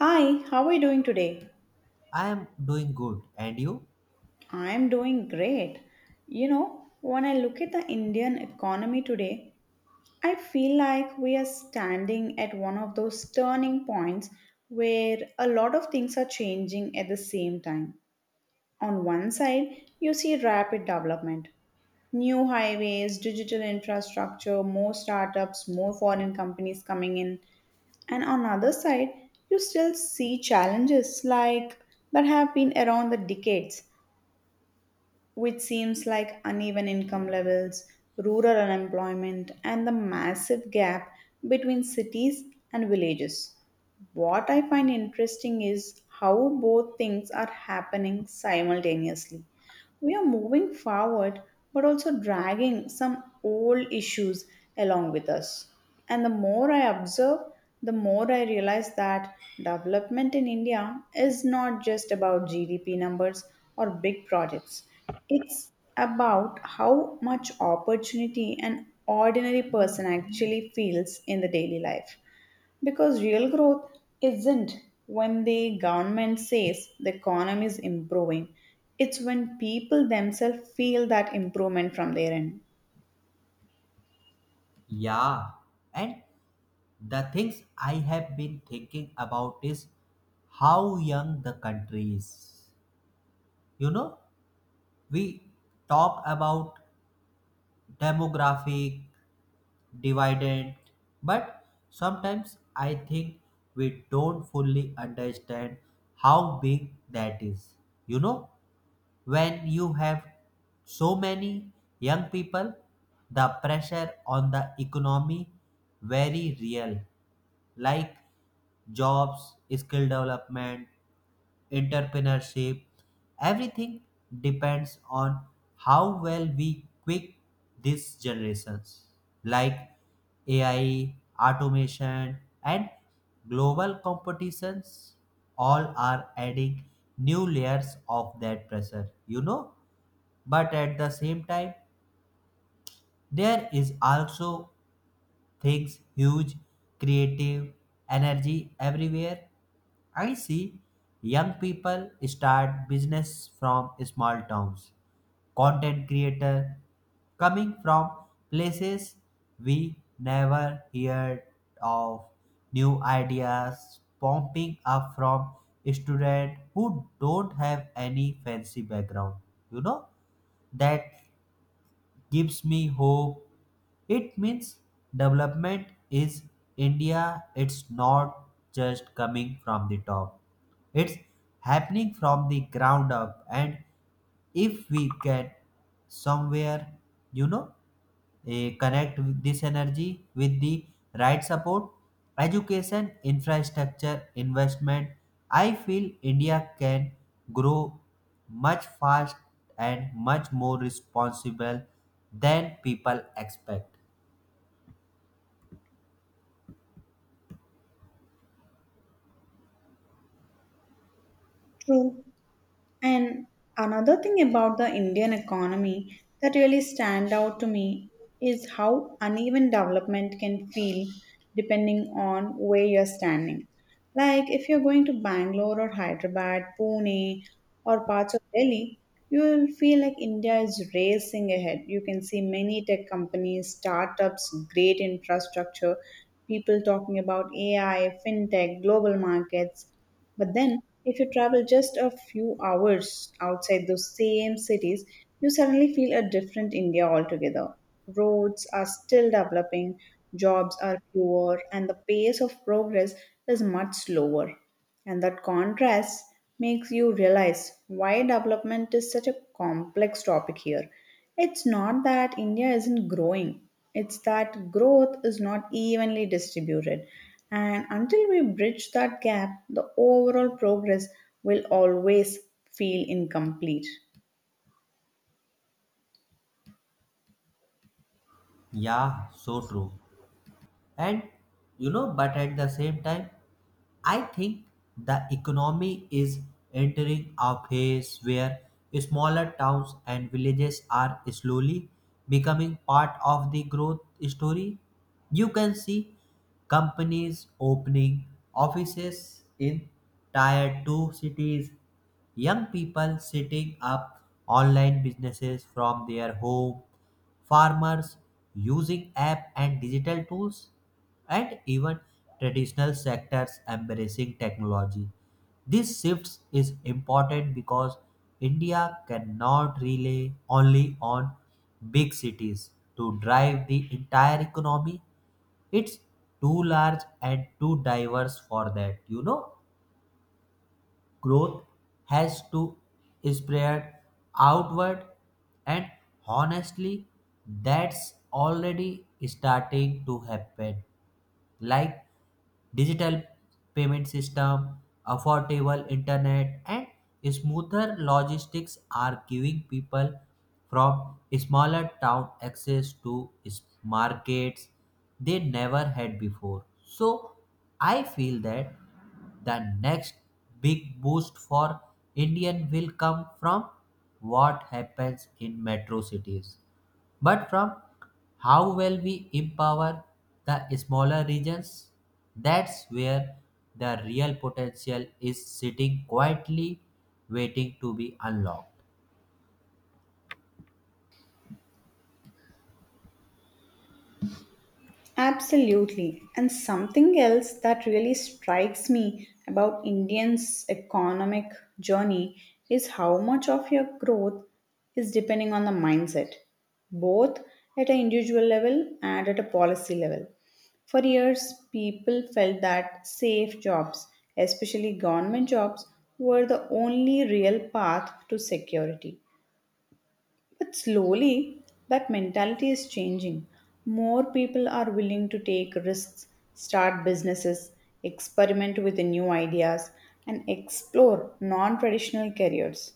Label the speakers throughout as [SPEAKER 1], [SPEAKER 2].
[SPEAKER 1] Hi, how are you doing today?
[SPEAKER 2] I am doing good. And you?
[SPEAKER 1] I'm doing great. You know, when I look at the Indian economy today, I feel like we are standing at one of those turning points where a lot of things are changing at the same time. On one side, you see rapid development, new highways, digital infrastructure, more startups, more foreign companies coming in. And on other side, you still see challenges like that have been around the decades, which seems like uneven income levels, rural unemployment, and the massive gap between cities and villages. What I find interesting is how both things are happening simultaneously. We are moving forward, but also dragging some old issues along with us. And the more I observe, the more I realize that development in India is not just about GDP numbers or big projects. It's about how much opportunity an ordinary person actually feels in the daily life. Because real growth isn't when the government says the economy is improving, it's when people themselves feel that improvement from their end.
[SPEAKER 2] Yeah. And the things I have been thinking about is how young the country is. You know, we talk about demographic dividend, but sometimes I think we don't fully understand how big that is. You know, when you have so many young people the pressure on the economy very real, like jobs skill development entrepreneurship everything depends on how well we quick these generations, like AI automation and global competitions all are adding new layers of that pressure, but at the same time there is also things huge creative energy everywhere. I see young people start business from small towns, content creator coming from places we never heard of, new ideas popping up from students who don't have any fancy background, you know that gives me hope. It means development is India, it's not just coming from the top, it's happening from the ground up. And if we get somewhere, you know connect with this energy with the right support, education, infrastructure, investment. I feel India can grow much fast and much more responsible than people expect.
[SPEAKER 1] True. And another thing about the Indian economy that really stand out to me is how uneven development can feel depending on where you're standing. Like if you're going to Bangalore or Hyderabad, Pune or parts of Delhi, you will feel like India is racing ahead. You can see many tech companies, startups, great infrastructure, people talking about AI, fintech, global markets. But then, if you travel just a few hours outside those same cities, you suddenly feel a different India altogether. Roads are still developing, jobs are fewer, and the pace of progress is much slower. And that contrast makes you realize why development is such a complex topic here. It's not that India isn't growing, it's that growth is not evenly distributed. And until we bridge that gap, the overall progress will always feel incomplete.
[SPEAKER 2] Yeah, so true. And but at the same time I think the economy is entering a phase where smaller towns and villages are slowly becoming part of the growth story. You can see companies opening offices in tier 2 cities, young people setting up online businesses from their home, farmers using app and digital tools, and even traditional sectors embracing technology. This shift is important because India cannot rely only on big cities to drive the entire economy. It's too large and too diverse for that. Growth has to spread outward, and honestly that's already starting to happen, like digital payment system, affordable internet, and smoother logistics are giving people from smaller town access to markets they never had before. So I feel that the next big boost for Indian will come from what happens in metro cities but from how well we empower the smaller regions. That's where the real potential is sitting quietly waiting to be unlocked.
[SPEAKER 1] Absolutely. And something else that really strikes me about Indians' economic journey is how much of your growth is depending on the mindset, both at an individual level and at a policy level. For years, people felt that safe jobs, especially government jobs, were the only real path to security. But slowly, that mentality is changing. More people are willing to take risks, start businesses, experiment with new ideas, and explore non traditional careers.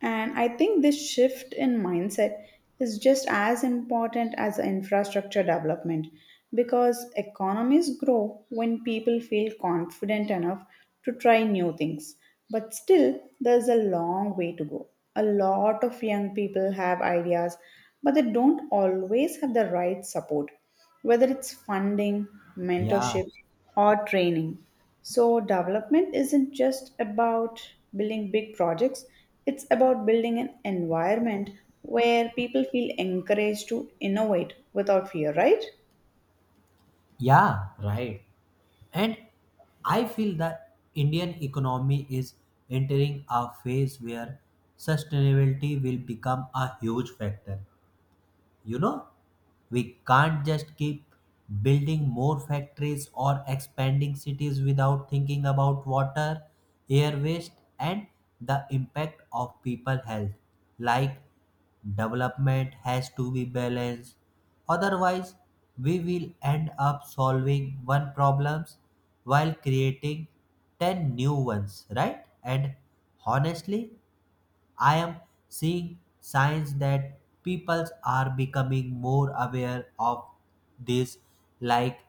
[SPEAKER 1] And I think this shift in mindset is just as important as the infrastructure development because economies grow when people feel confident enough to try new things. But still, there's a long way to go. A lot of young people have ideas, but they don't always have the right support whether it's funding,
[SPEAKER 2] Yeah,
[SPEAKER 1] mentorship, or training. So, development isn't just about building big projects, it's about building an environment where people feel encouraged to innovate without fear, right?
[SPEAKER 2] yeah, right. And I feel that Indian economy is entering a phase where sustainability will become a huge factor. You know, we can't just keep building more factories or expanding cities without thinking about water, air waste, and the impact of people health. Like development has to be balanced. Otherwise, we will end up solving one problems while creating 10 new ones, right? And honestly, I am seeing signs that people are becoming more aware of this, like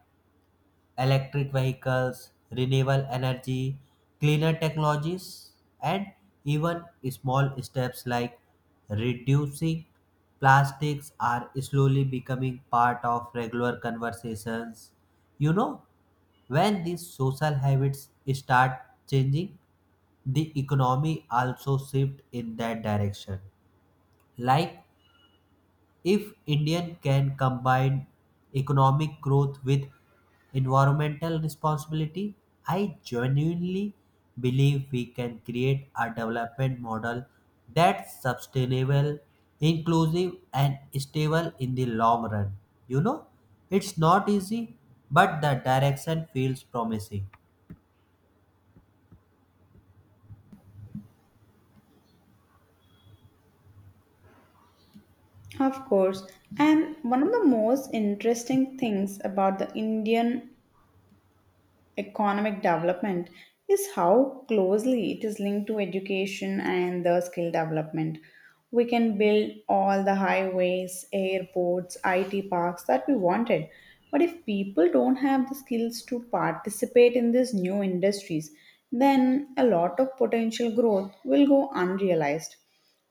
[SPEAKER 2] electric vehicles, renewable energy, cleaner technologies, and even small steps like reducing plastics are slowly becoming part of regular conversations. You know, when these social habits start changing, the economy also shift in that direction. Like if Indian can combine economic growth with environmental responsibility, I genuinely believe we can create a development model that's sustainable, inclusive, and stable in the long run. You know, it's not easy, but the direction feels promising.
[SPEAKER 1] Of course. And one of the most interesting things about the Indian economic development is how closely it is linked to education and the skill development. We can build all the highways, airports, IT parks that we wanted. But if people don't have the skills to participate in these new industries, then a lot of potential growth will go unrealized.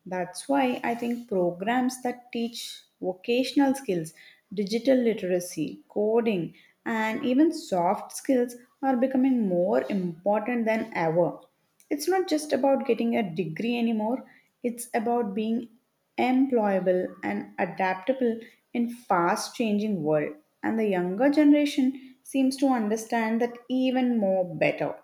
[SPEAKER 1] That's why I think programs that teach vocational skills, digital literacy, coding, and even soft skills are becoming more important than ever. It's not just about getting a degree anymore, it's about being employable and adaptable in fast changing world, and the younger generation seems to understand that even more better.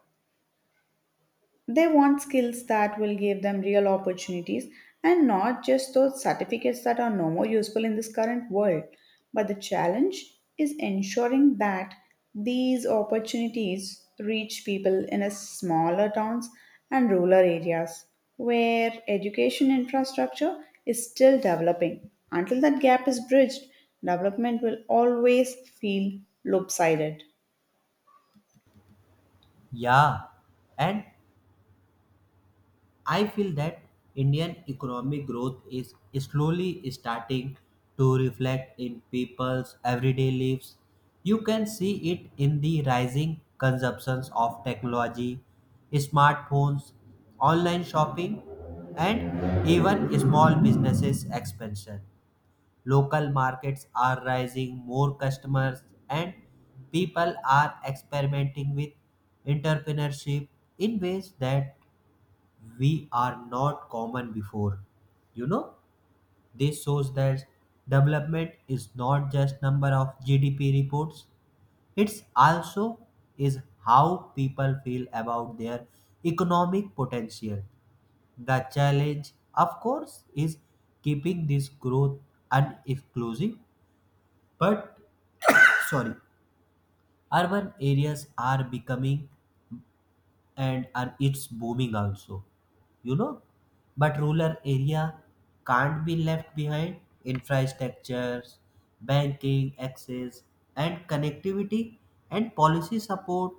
[SPEAKER 1] They want skills that will give them real opportunities and not just those certificates that are no more useful in this current world. But the challenge is ensuring that these opportunities reach people in a smaller towns and rural areas where education infrastructure is still developing. Until that gap is bridged, development will always feel lopsided.
[SPEAKER 2] Yeah, and I feel that Indian economic growth is slowly starting to reflect in people's everyday lives. You can see it in the rising consumptions of technology, smartphones, online shopping, and even small businesses expansion. Local markets are rising more customers, and people are experimenting with entrepreneurship in ways that we are not common before. you know this shows that development is not just number of GDP reports, it's also is how people feel about their economic potential. The challenge, of course, is keeping this growth uninclusive, but sorry, urban areas are becoming and, are it's booming also, you know but rural area can't be left behind. Infrastructures, banking access, and connectivity and policy support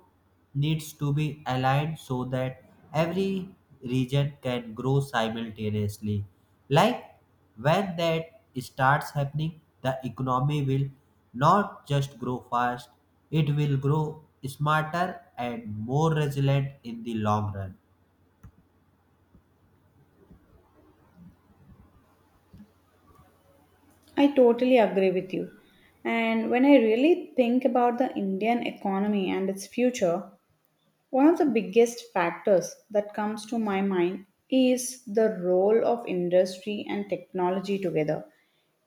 [SPEAKER 2] needs to be aligned so that every region can grow simultaneously. Like when that starts happening the economy will not just grow fast, it will grow smarter and more resilient in the long run.
[SPEAKER 1] I totally agree with you. And when I really think about the Indian economy and its future, one of the biggest factors that comes to my mind is the role of industry and technology together.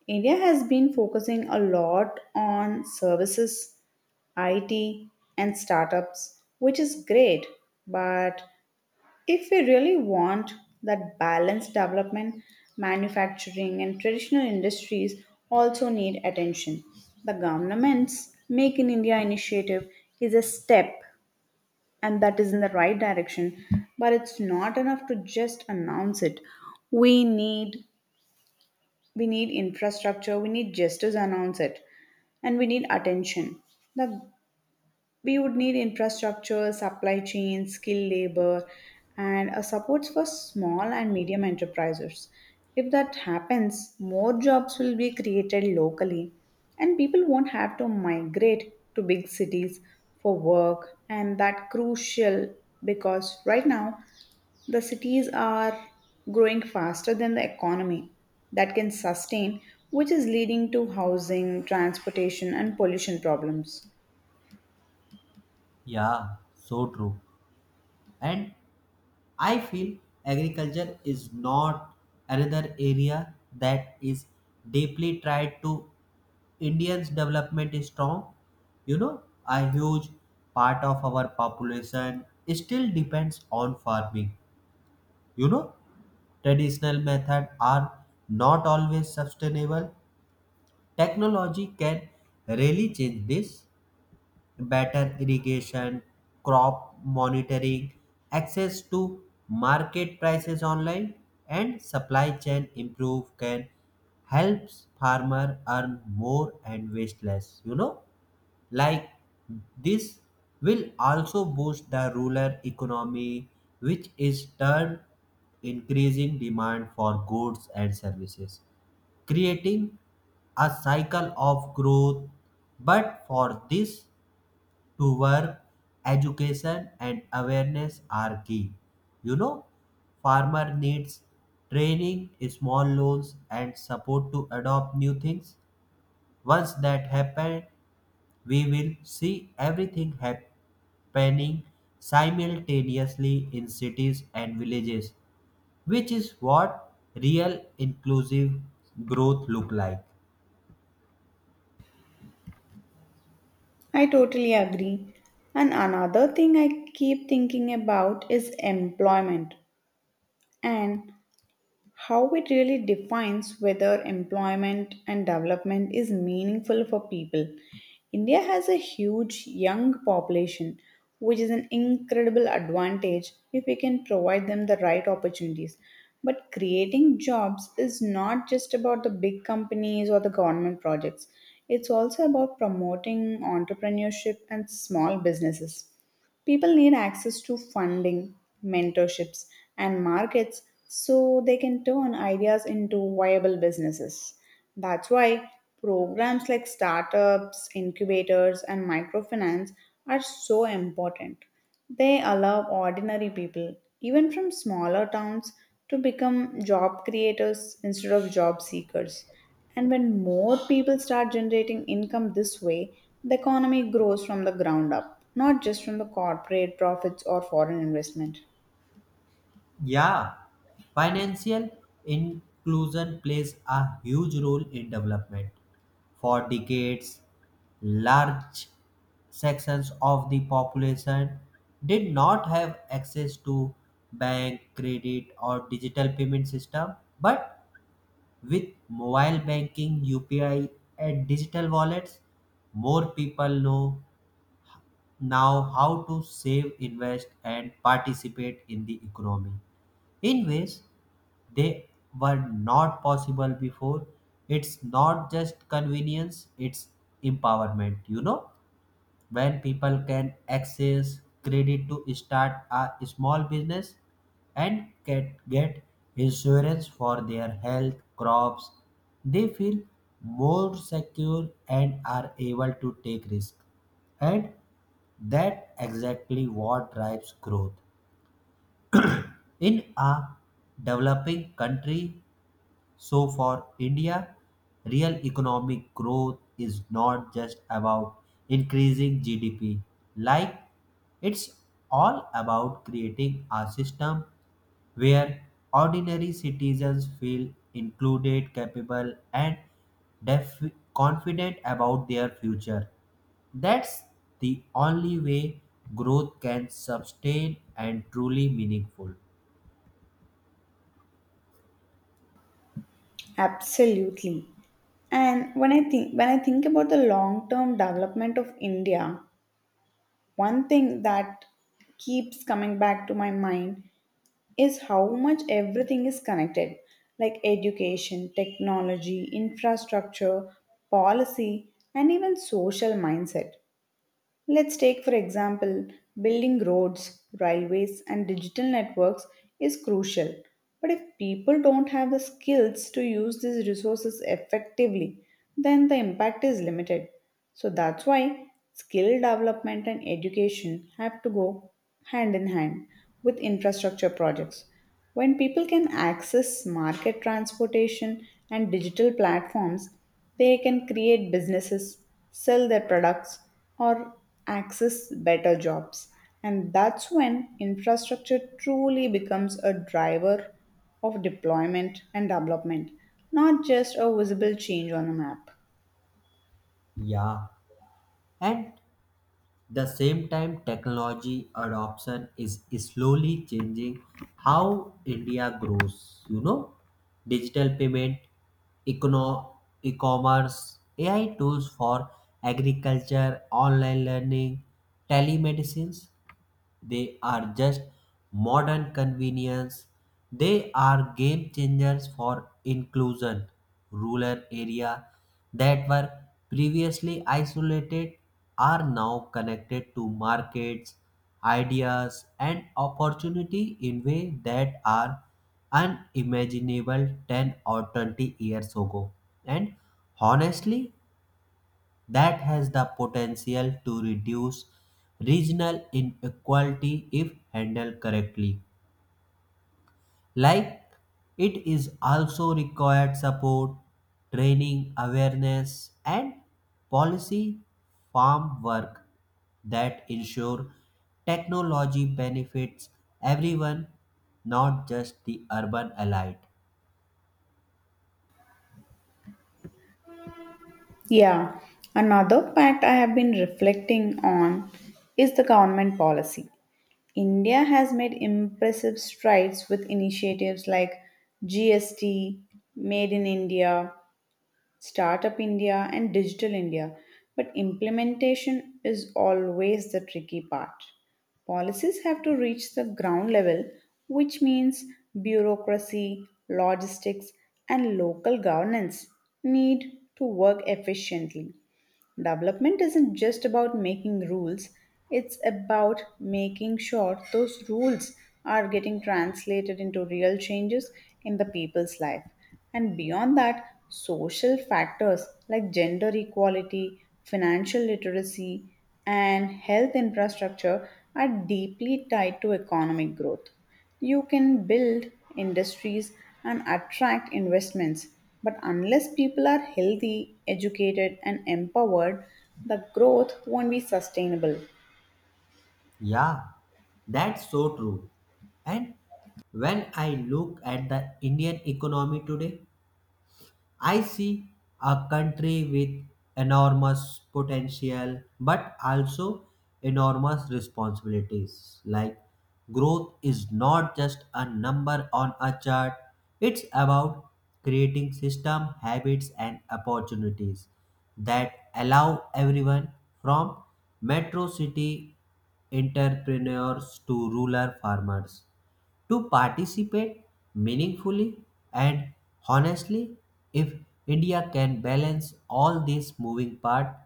[SPEAKER 1] India has been focusing a lot on services, IT, and startups, which is great, but if we really want that balanced development, manufacturing and traditional industries also need attention. The government's Make in India initiative is a step and that is in the right direction, but it's not enough to just announce it. We need we need infrastructure, we need just to announce it and we need attention. The we would need infrastructure, supply chain, skilled labor, and a supports for small and medium enterprises. If that happens, more jobs will be created locally, and people won't have to migrate to big cities for work, and that crucial because right now the cities are growing faster than the economy that can sustain, which is leading to housing, transportation, and pollution problems.
[SPEAKER 2] Yeah, so true. And I feel agriculture is not another area that is deeply tied to Indians' development is strong. You know, a huge part of our population still depends on farming. You know, traditional methods are not always sustainable. Technology can really change this, better irrigation, crop monitoring, access to market prices online, and supply chain improve can helps farmer earn more and waste less. Like this will also boost the rural economy, which is turn increasing demand for goods and services, creating a cycle of growth. But for this to work, education, and awareness are key. You know, farmer needs training, small loans, and support to adopt new things. Once that happens, we will see everything happening simultaneously in cities and villages, which is what real inclusive growth look like.
[SPEAKER 1] I totally agree. And another thing I keep thinking about is employment. And how it really defines whether employment and development is meaningful for people. India has a huge young population, which is an incredible advantage if we can provide them the right opportunities. But creating jobs is not just about the big companies or the government projects, it's also about promoting entrepreneurship and small businesses. People need access to funding, mentorships, and markets so they can turn ideas into viable businesses. That's why programs like startups, incubators, and microfinance are so important. They allow ordinary people, even from smaller towns, to become job creators instead of job seekers. And when more people start generating income this way, the economy grows from the ground up, not just from the corporate profits or foreign investment.
[SPEAKER 2] Yeah, financial inclusion plays a huge role in development. For decades, large sections of the population did not have access to bank, credit, or digital payment system. But with mobile banking, UPI, and digital wallets, more people know now how to save, invest, and participate in the economy in ways they were not possible before. It's not just convenience, it's empowerment. You know, when people can access credit to start a small business and get insurance for their health crops, they feel more secure and are able to take risk, and that exactly what drives growth in a developing country. So for India, real economic growth is not just about increasing GDP. Like it's all about creating a system where ordinary citizens feel included, capable, and def- confident about their future. That's the only way growth can sustain and truly meaningful.
[SPEAKER 1] Absolutely. And when I think about the long-term development of India, one thing that keeps coming back to my mind is how much everything is connected, like education, technology, infrastructure, policy, and even social mindset. Let's take, for example, building roads, railways, and digital networks is crucial. But if people don't have the skills to use these resources effectively, then the impact is limited. So that's why skill development and education have to go hand in hand with infrastructure projects. When people can access market transportation and digital platforms, they can create businesses, sell their products, or access better jobs. And that's when infrastructure truly becomes a driver of deployment and development, not just a visible change on a map.
[SPEAKER 2] Yeah. And the same time, technology adoption is slowly changing how India grows. You know, digital payment, econo- e-commerce, AI tools for agriculture, online learning, telemedicines. They are just modern convenience. They are game changers for inclusion. Rural area that were previously isolated are now connected to markets, ideas and opportunity in ways that are unimaginable 10 or 20 years ago. And honestly, that has the potential to reduce regional inequality if handled correctly. Like it is also required support, training, awareness, and policy farm work that ensure technology benefits everyone, not just the urban elite.
[SPEAKER 1] Yeah, another fact I have been reflecting on is the government policy. India has made impressive strides with initiatives like GST, Made in India, Startup India and Digital India, but implementation is always the tricky part. Policies have to reach the ground level, which means bureaucracy, logistics, and local governance need to work efficiently. Development isn't just about making rules, it's about making sure those rules are getting translated into real changes in the people's life. And beyond that, social factors like gender equality, financial literacy, and health infrastructure are deeply tied to economic growth. You can build industries and attract investments, but unless people are healthy, educated, and empowered, the growth won't be sustainable.
[SPEAKER 2] Yeah, that's so true. And when I look at the Indian economy today, I see a country with enormous potential but also enormous responsibilities. Like growth is not just a number on a chart, it's about creating system, habits and opportunities that allow everyone from metro city entrepreneurs to rural farmers to participate meaningfully. And honestly, if India can balance all these moving parts,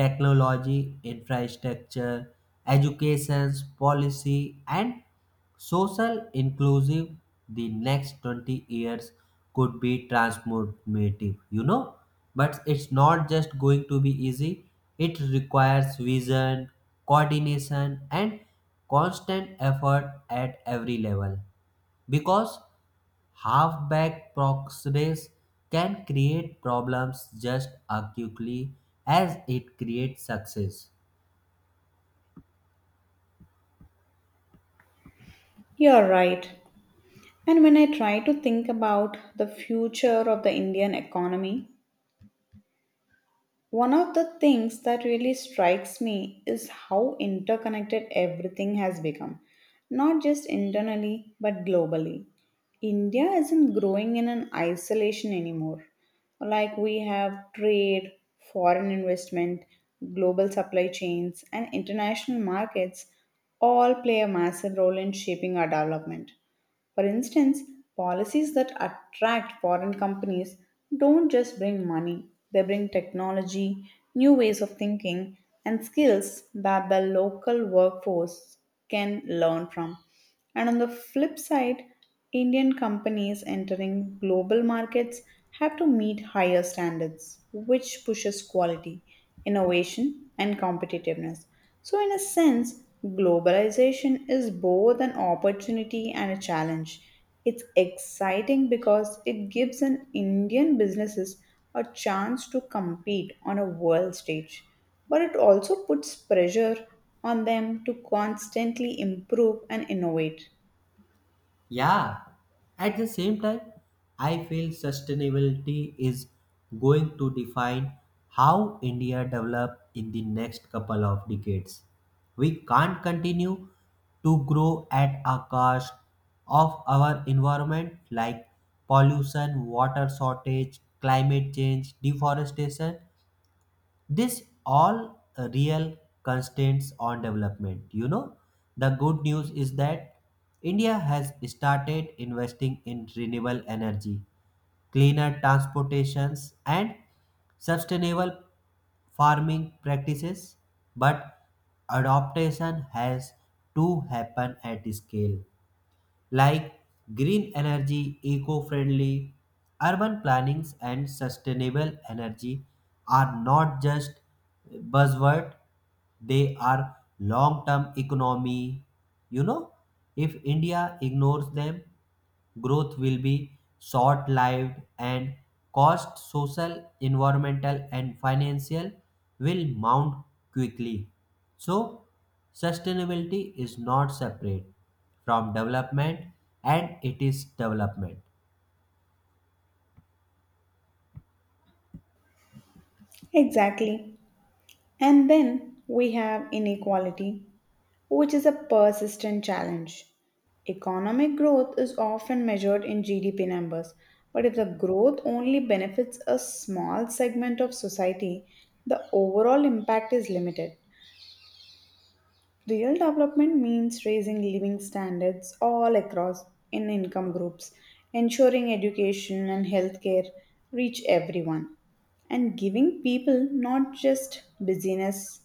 [SPEAKER 2] technology, infrastructure, education, policy, and social inclusive, the next 20 years could be transformative. But it's not just going to be easy, it requires vision, coordination and constant effort at every level, because halfback progress can create problems just as quickly as it creates success.
[SPEAKER 1] You're right. And when I try to think about the future of the Indian economy, one of the things that really strikes me is how interconnected everything has become, not just internally but globally. India isn't growing in an isolation anymore. Like we have trade, foreign investment, global supply chains, and international markets all play a massive role in shaping our development. For instance, policies that attract foreign companies don't just bring money, they bring technology, new ways of thinking, and skills that the local workforce can learn from. And on the flip side, Indian companies entering global markets have to meet higher standards, which pushes quality, innovation, and competitiveness. So, in a sense, globalization is both an opportunity and a challenge. It's exciting because it gives an Indian businesses a chance to compete on a world stage, but it also puts pressure on them to constantly improve and innovate.
[SPEAKER 2] Yeah, at the same time, I feel sustainability is going to define how India develops in the next couple of decades. We can't continue to grow at a cost of our environment, like pollution, water shortage, climate change, deforestation, this all real constraints on development. The good news is that India has started investing in renewable energy, cleaner transportations and sustainable farming practices, but adaptation has to happen at scale. Like green energy, eco friendly, urban plannings, and sustainable energy are not just buzzword, they are long term economy. You know, if India ignores them growth will be short lived, and cost social, environmental, and financial will mount quickly. So, sustainability is not separate from development and it is development.
[SPEAKER 1] Exactly. And then we have inequality, which is a persistent challenge. Economic growth is often measured in GDP numbers, but if the growth only benefits a small segment of society, the overall impact is limited. Real development means raising living standards all across in income groups, ensuring education and healthcare reach everyone, and giving people not just busyness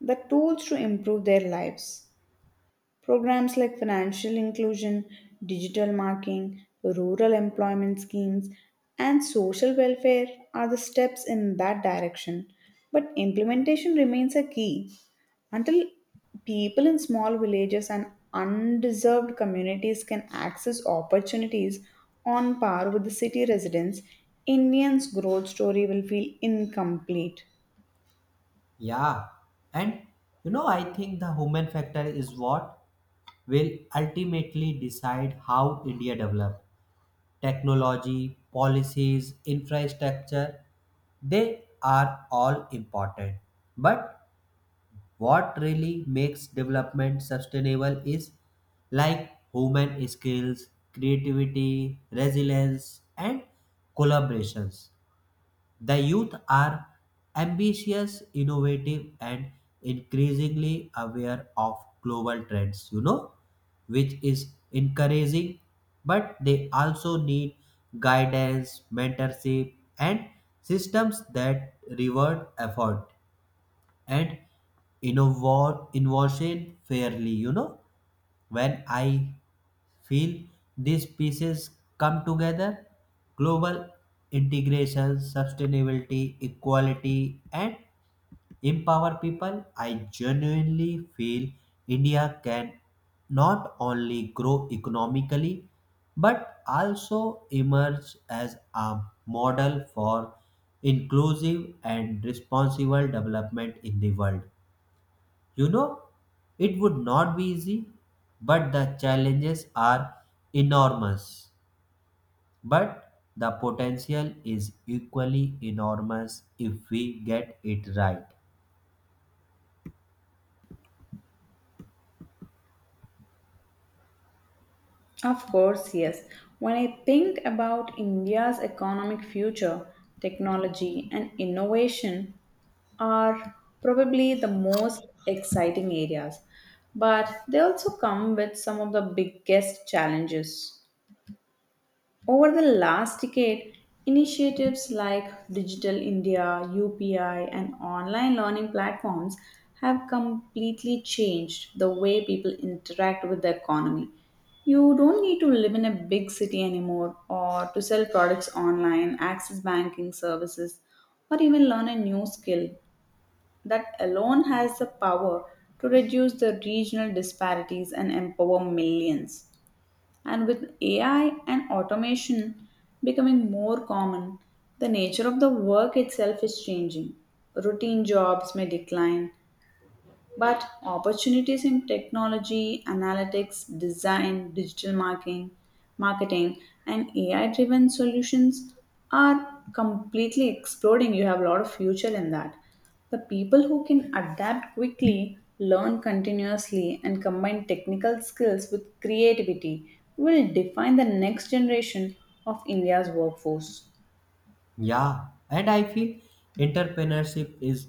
[SPEAKER 1] the tools to improve their lives. Programs like financial inclusion, digital marketing, rural employment schemes, and social welfare are the steps in that direction. But implementation remains a key. Until people in small villages and undeserved communities can access opportunities on par with the city residents, Indians' growth story will feel incomplete.
[SPEAKER 2] Yeah, and you know, I think the human factor is what will ultimately decide how India develops. Technology, policies, infrastructure, they are all important. But what really makes development sustainable is like human skills, creativity, resilience, and collaborations. The youth are ambitious, innovative, and increasingly aware of global trends, you know, which is encouraging, but they also need guidance, mentorship, and systems that reward effort and innovate innovation fairly. When I feel these pieces come together, global integration, sustainability, equality, and empower people, I genuinely feel India can not only grow economically but also emerge as a model for inclusive and responsible development in the world. You know, it would not be easy, but the challenges are enormous. But the potential is equally enormous if we get it right.
[SPEAKER 1] Of course, yes. When I think about India's economic future, technology and innovation are probably the most exciting areas, but they also come with some of the biggest challenges. Over the last decade, initiatives like Digital India, UPI, and online learning platforms have completely changed the way people interact with the economy. You don't need to live in a big city anymore or to sell products online, access banking services, or even learn a new skill. That alone has the power to reduce the regional disparities and empower millions. And with AI and automation becoming more common, the nature of the work itself is changing. Routine jobs may decline, but opportunities in technology, analytics, design, digital marketing, marketing and AI driven solutions are completely exploding. You have a lot of future in that. The people who can adapt quickly, learn continuously and combine technical skills with creativity will define the next generation of India's workforce.
[SPEAKER 2] Yeah, and I feel entrepreneurship is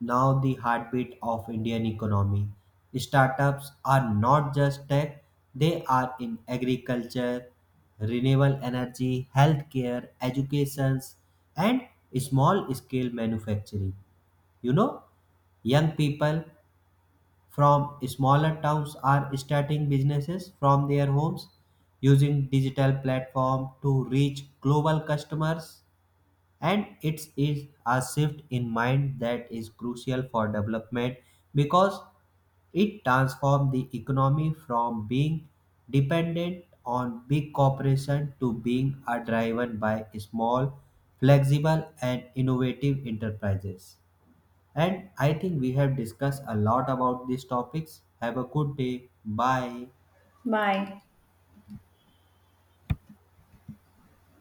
[SPEAKER 2] now the heartbeat of Indian economy. Startups are not just tech, they are in agriculture, renewable energy, healthcare, educations, and small scale manufacturing. You know, young people from smaller towns are starting businesses from their homes using digital platform to reach global customers, and it is a shift in mind that is crucial for development because it transforms the economy from being dependent on big corporations to being driven by small flexible and innovative enterprises. And I think we have discussed a lot about these topics. Have a good day. Bye.
[SPEAKER 1] Bye.